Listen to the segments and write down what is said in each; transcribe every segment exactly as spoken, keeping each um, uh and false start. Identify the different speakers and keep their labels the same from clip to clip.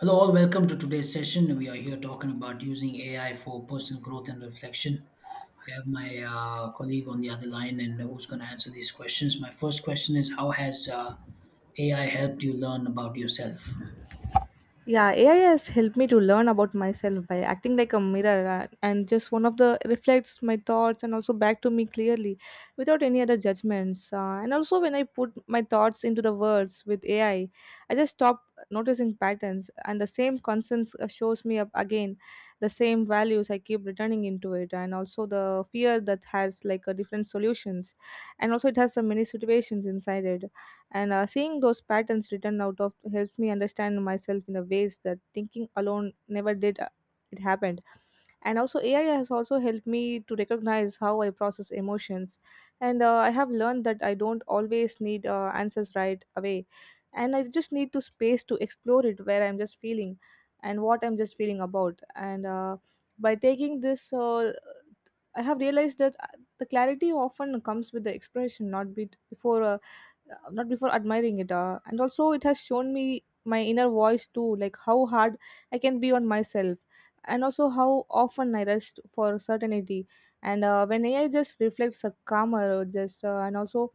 Speaker 1: Hello, all. Welcome to today's session. We are here talking about using A I for personal growth and reflection. I have my uh, colleague on the other line, and who's going to answer these questions. My first question is: How has uh, A I helped you learn about yourself?
Speaker 2: Yeah, A I has helped me to learn about myself by acting like a mirror, uh, and just one of the reflects my thoughts and also back to me clearly without any other judgments. Uh, and also, when I put my thoughts into the words with A I, I I just stop noticing patterns, and the same concerns uh, shows me up again the same values I keep returning into it, and also the fear that has like a different solutions, and also it has some many situations inside it and uh, seeing those patterns written out of helps me understand myself in the ways that thinking alone never did. Uh, it happened. And also, A I has also helped me to recognize how I process emotions. And uh, I have learned that I don't always need uh, answers right away. And I just need to space to explore it where I'm just feeling and what I'm just feeling about. And uh, by taking this, uh, I have realized that uh, the clarity often comes with the expression, not be- before uh, uh, not before admiring it, uh, and also it has shown me my inner voice too, like how hard I can be on myself and also how often I rest for certainty. And uh, when ai just reflects a calmer, uh, just uh, and also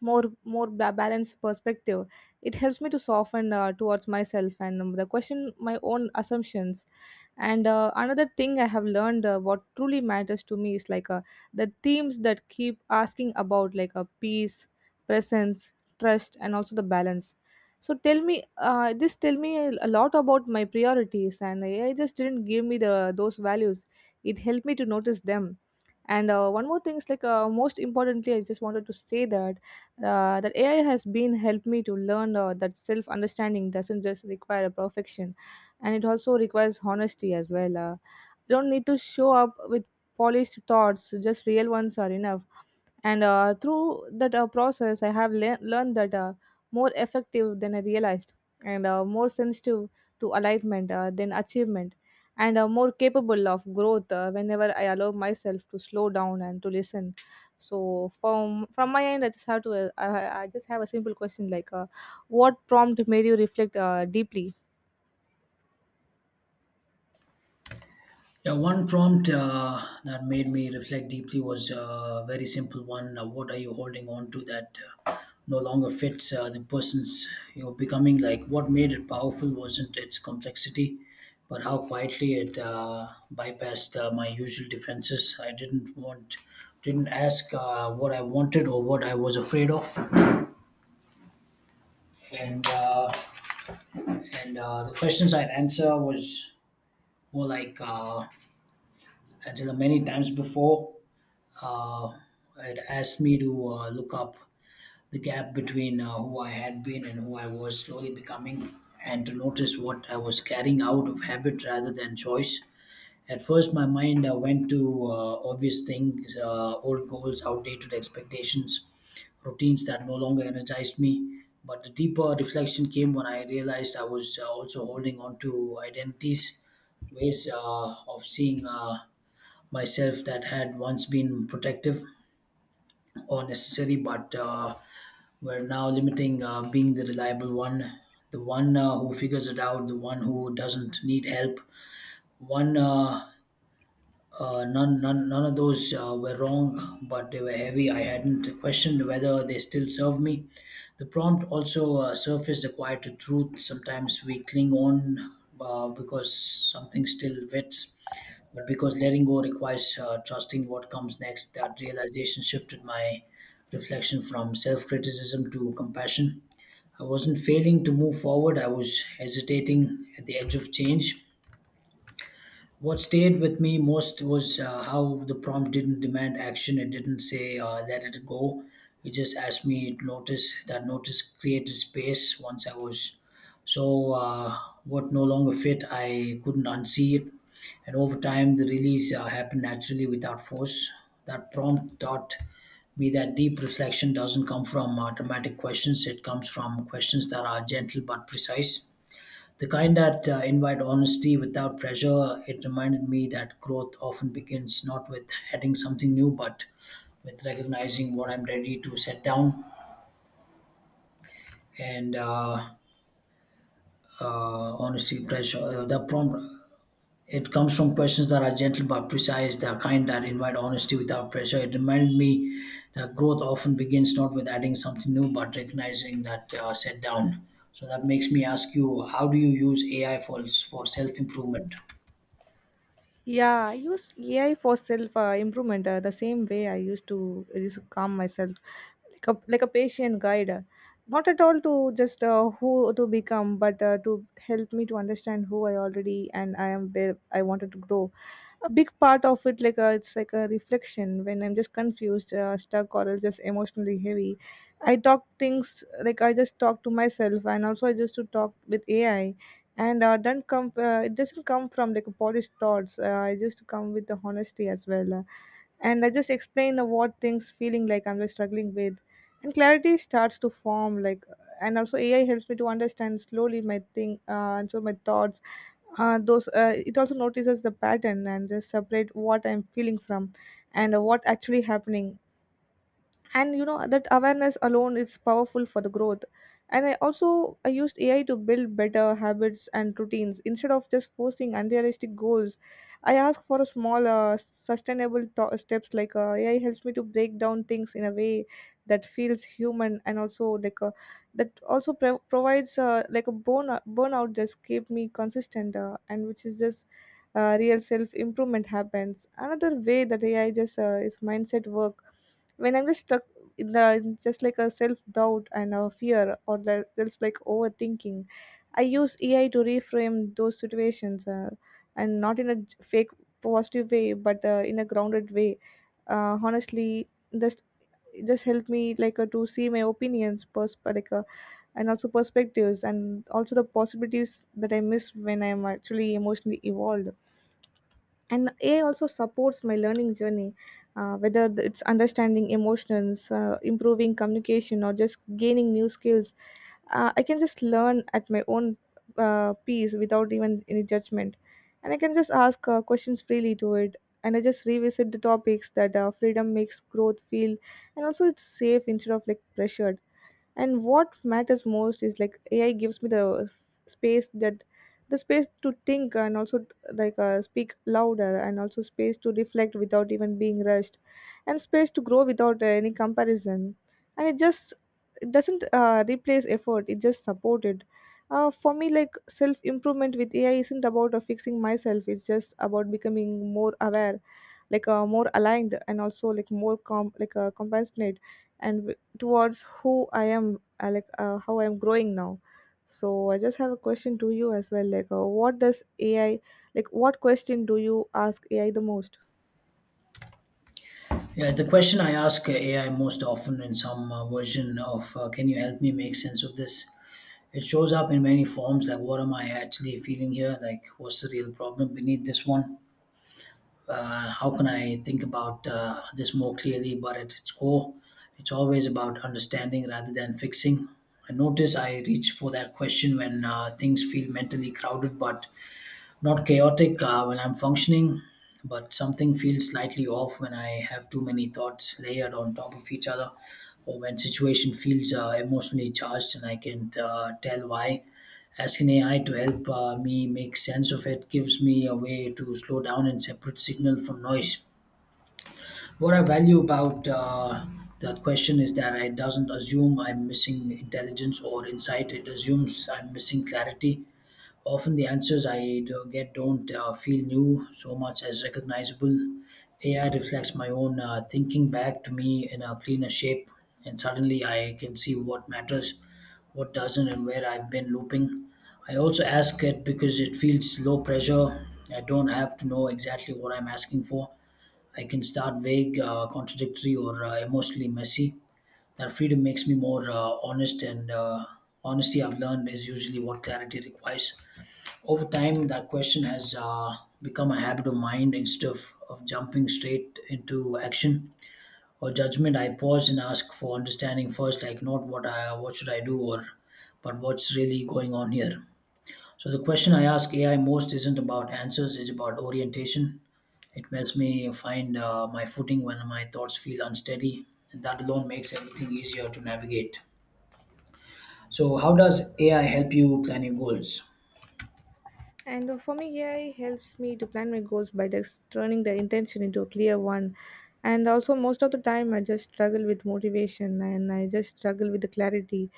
Speaker 2: more more ba- balanced perspective, it helps me to soften uh, towards myself and um, the question my own assumptions. And uh, another thing I have learned, uh, what truly matters to me is like, uh, the themes that keep asking about, like, uh, peace, presence, trust and also the balance. So tell me, uh, this tell me a a lot about my priorities, and ai just didn't give me the those values, it helped me to notice them. And uh, one more thing is like, uh, most importantly I just wanted to say that uh, that ai has been helped me to learn uh, that self understanding doesn't just require a perfection, and it also requires honesty as well. Uh, you don't need to show up with polished thoughts; just real ones are enough. And uh, through that uh, process, I have le- learned that uh, more effective than I realized, and uh, more sensitive to alignment uh, than achievement, and uh, more capable of growth uh, whenever I allow myself to slow down and to listen. So from from my end, I just have to uh, I, I just have a simple question like, uh, what prompt made you reflect uh, deeply?
Speaker 1: Yeah, one prompt uh, that made me reflect deeply was a very simple one. Uh, what are you holding on to that uh, no longer fits uh, the person's you're becoming? Like, what made it powerful wasn't its complexity, but how quietly it uh, bypassed uh, my usual defenses. I didn't want, Didn't ask uh, what I wanted or what I was afraid of, and uh, and uh, the questions I'd answer was more like uh, answered them many times before. Uh, it asked me to uh, look up the gap between uh, who I had been and who I was slowly becoming, and to notice what I was carrying out of habit rather than choice. At first, my mind uh, went to uh, obvious things, uh, old goals, outdated expectations, routines that no longer energized me. But the deeper reflection came when I realized I was uh, also holding on to identities, ways uh, of seeing uh, myself that had once been protective or necessary, but uh, we're now limiting uh, being the reliable one, the one uh, who figures it out, the one who doesn't need help. One, uh, uh, none, none, None of those uh, were wrong, but they were heavy. I hadn't questioned whether they still serve me. The prompt also uh, surfaced a quieter truth. Sometimes we cling on uh, because something still fits but because letting go requires uh, trusting what comes next. That realization shifted my reflection from self criticism to compassion. I wasn't failing to move forward, I was hesitating at the edge of change. What stayed with me most was uh, how the prompt didn't demand action. It didn't say uh, let it go. It just asked me to notice. That notice created space. Once I was so uh, what no longer fit, I couldn't unsee it. And over time, the release uh, happened naturally without force. That prompt taught me that deep reflection doesn't come from uh, dramatic questions. It comes from questions that are gentle but precise. The kind that uh, invite honesty without pressure. It reminded me that growth often begins not with heading something new, but with recognizing what I'm ready to set down. And uh, uh, honesty, pressure, uh, the prompt. It comes from questions that are gentle but precise, the kind that invite honesty without pressure. It reminded me that growth often begins not with adding something new, but recognizing that uh, set down. So that makes me ask you, how do you use A I for, for self improvement?
Speaker 2: Yeah, I use A I for self uh, improvement uh, the same way I used to I used to calm myself, like a like a patient guide, uh, not at all to just uh, who to become, but uh, to help me to understand who I already and I am where I wanted to grow. A big part of it, like, uh, it's like a reflection when I'm just confused, uh, stuck or just emotionally heavy, I talk things like I just talk to myself, and also I just to talk with ai. And uh, don't come uh, it doesn't come from like polished thoughts, uh, I just come with the honesty as well. Uh, and I just explain uh, what things feeling like I'm just struggling with, and clarity starts to form like. And also ai helps me to understand slowly my thing, uh, and so my thoughts, uh, those uh, it also notices the pattern and just separate what I'm feeling from and what actually happening. And you know that awareness alone is powerful for the growth. And i also I used ai to build better habits and routines instead of just forcing unrealistic goals. I ask for a small, uh, sustainable th- steps, like, uh, ai helps me to break down things in a way that feels human, and also, like, uh, that also pro- provides, uh, like a burn- burnout, just keep me consistent, uh, and which is just uh, real self improvement happens. Another way that ai just uh, is mindset work, when I'm just stuck in the in just like a self-doubt and a fear or the- just like overthinking, I use ai to reframe those situations, uh, and not in a j- fake positive way, but uh, in a grounded way, uh, honestly. Just it just helped me, like, uh, to see my opinions pers- like uh, and also perspectives and also the possibilities that I miss when I'm actually emotionally evolved. And ai also supports my learning journey, uh, whether th- it's understanding emotions, uh, improving communication or just gaining new skills. uh, I can just learn at my own uh, pace without even any judgment, and I can just ask uh, questions freely to it, and I just revisit the topics. That uh, freedom makes growth feel, and also it's safe instead of like pressured. And what matters most is like ai gives me the f- space that the space to think, and also, like, uh, speak louder, and also space to reflect without even being rushed, and space to grow without uh, any comparison. And it just, it doesn't uh, replace effort, it just support it. Uh, for me, like, self improvement with ai isn't about uh, fixing myself, it's just about becoming more aware, like, uh, more aligned, and also like more com- like uh, compassionate and towards who I am, uh, like uh, how I am growing now. So I just have a question to you as well. Like, uh, what does A I, like, what question do you ask A I the most?
Speaker 1: Yeah, the question I ask A I most often in some uh, version of uh, "Can you help me make sense of this?" It shows up in many forms, like "What am I actually feeling here?" Like "What's the real problem beneath this one?" Uh, how can I think about uh, this more clearly? But at its core, it's always about understanding rather than fixing. I notice I reach for that question when uh, things feel mentally crowded, but not chaotic uh, when I'm functioning, but something feels slightly off when I have too many thoughts layered on top of each other, or when situation feels uh, emotionally charged and I can't uh, tell why. Asking A I to help uh, me make sense of it gives me a way to slow down and separate signal from noise. What I value about uh, that question is that it doesn't assume I'm missing intelligence or insight. It assumes I'm missing clarity. Often the answers I do get don't uh, feel new so much as recognizable. A I reflects my own uh, thinking back to me in a cleaner shape, and suddenly I can see what matters, what doesn't, and where I've been looping. I also ask it because it feels low pressure. I don't have to know exactly what I'm asking for. I can start vague, uh, contradictory, or uh, emotionally messy. That freedom makes me more uh, honest, and uh, honesty I've learned is usually what clarity requires. Over time, that question has uh, become a habit of mind instead of, of jumping straight into action or judgment. I pause and ask for understanding first, like not what I what should I do or but what's really going on here. So the question I ask A I most isn't about answers; it's about orientation. It helps me find uh, my footing when my thoughts feel unsteady, and that alone makes everything easier to navigate. So, how does A I help you plan your goals?
Speaker 2: And uh, for me, A I helps me to plan my goals by just turning the intention into a clear one. And also, most of the time, I just struggle with motivation and I just struggle with the clarity.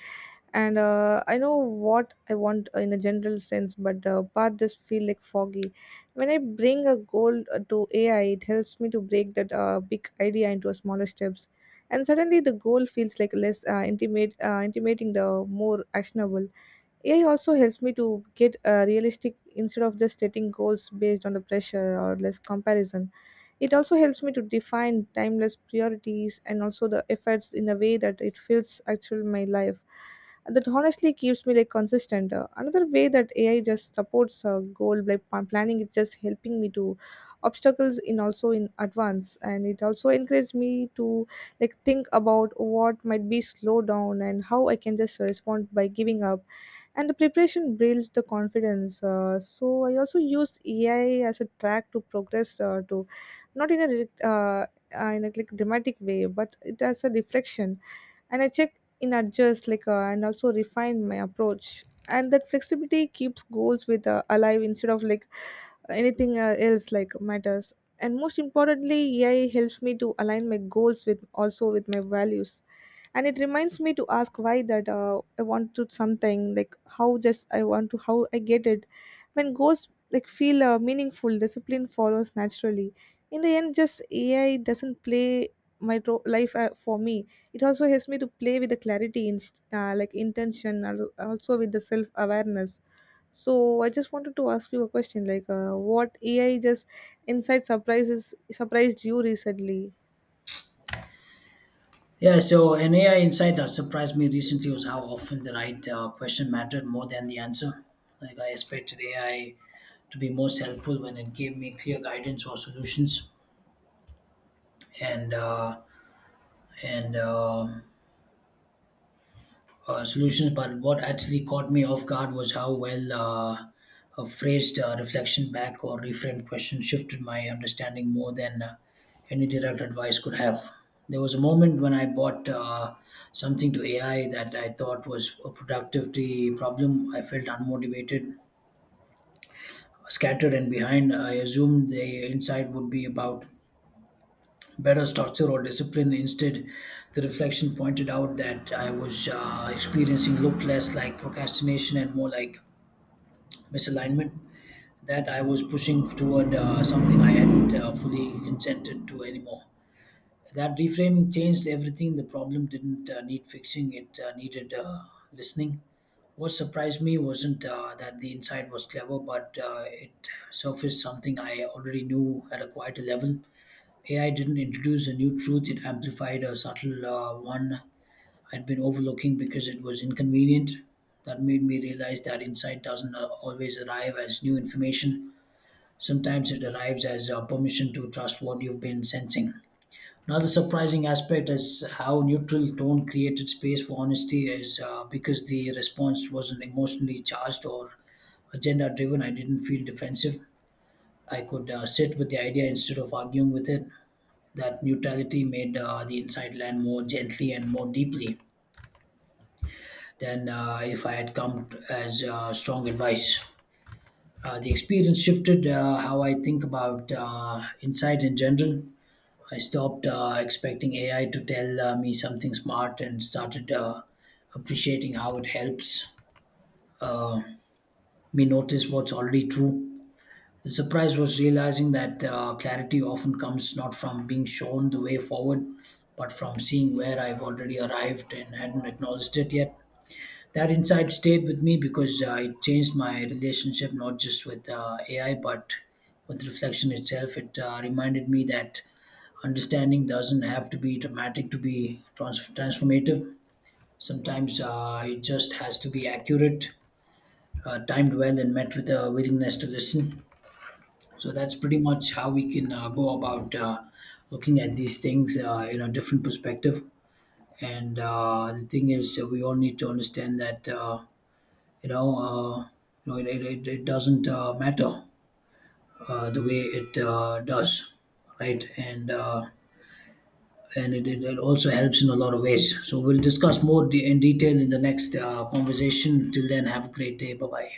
Speaker 2: And uh, I know what I want in a general sense, but the path just feel like foggy. When I bring a goal uh, to A I, it helps me to break that uh, big idea into smaller steps. And suddenly, the goal feels like less uh, intimate, uh, intimating the more actionable. A I also helps me to get uh, realistic instead of just setting goals based on the pressure or less comparison. It also helps me to define timeless priorities and also the efforts in a way that it feels actual in my life. And that honestly keeps me like consistent. Uh, another way that A I just supports a goal like pl- planning, it's just helping me to obstacles in also in advance, and it also encourages me to like think about what might be slowed down and how I can just respond by giving up, and the preparation builds the confidence. Uh, so I also use ai as a track to progress, uh, to not in a re- uh, uh, in a like dramatic way, but it as a reflection. And I check in adjust, like, uh, and also refine my approach. And that flexibility keeps goals with uh, alive instead of like anything uh, else like matters. And most importantly, A I helps me to align my goals with also with my values. And it reminds me to ask why that uh, I want to something, like how just I want to how I get it. When goals like feel uh, meaningful, discipline follows naturally. In the end, just A I doesn't play my ro- life uh, for me, it also helps me to play with the clarity, in, uh, like intention, al- also with the self awareness. So I just wanted to ask you a question, like, uh, what A I just insight surprises surprised you recently?
Speaker 1: Yeah, so an A I insight that surprised me recently was how often the right uh, question mattered more than the answer. Like, I expected A I to be most helpful when it gave me clear guidance or solutions, and uh, and um uh, solutions. But what actually caught me off guard was how well uh, a phrased uh, reflection back or reframed question shifted my understanding more than uh, any direct advice could have. There was a moment when I bought uh, something to A I that I thought was a productivity problem. I felt unmotivated, scattered, and behind. I assumed the insight would be about better structure or discipline. Instead, the reflection pointed out that I was uh, experiencing looked less like procrastination and more like misalignment. That I was pushing toward uh, something I hadn't uh, fully consented to anymore. That reframing changed everything. The problem didn't uh, need fixing; it uh, needed uh, listening. What surprised me wasn't uh, that the insight was clever, but uh, it surfaced something I already knew at a quieter level. A I didn't introduce a new truth, it amplified a subtle uh, one I'd been overlooking because it was inconvenient. That made me realize that insight doesn't uh, always arrive as new information. Sometimes it arrives as uh, permission to trust what you've been sensing. Another surprising aspect is how neutral tone created space for honesty, is uh, because the response wasn't emotionally charged or agenda driven. I didn't feel defensive. I could uh, sit with the idea instead of arguing with it. That neutrality made uh, the inside land more gently and more deeply than uh, if I had come t- as uh, strong advice. Uh, the experience shifted uh, how I think about uh, insight in general. I stopped uh, expecting A I to tell uh, me something smart and started uh, appreciating how it helps uh, me notice what's already true. The surprise was realizing that uh, clarity often comes not from being shown the way forward, but from seeing where I've already arrived and hadn't acknowledged it yet. That insight stayed with me because uh, it changed my relationship not just with uh, A I but with reflection itself. It uh, reminded me that understanding doesn't have to be dramatic to be trans- transformative. Sometimes uh, it just has to be accurate, uh, timed well, and met with a willingness to listen. So that's pretty much how we can uh, go about uh, looking at these things uh, in a different perspective. And uh, the thing is, uh, we all need to understand that uh, you know, uh, you know, it, it, it it doesn't uh, matter uh, the way it uh, does, right? And uh, and it, it, it also helps in a lot of ways. So we'll discuss more de- in detail in the next uh, conversation. Till then, have a great day. Bye bye.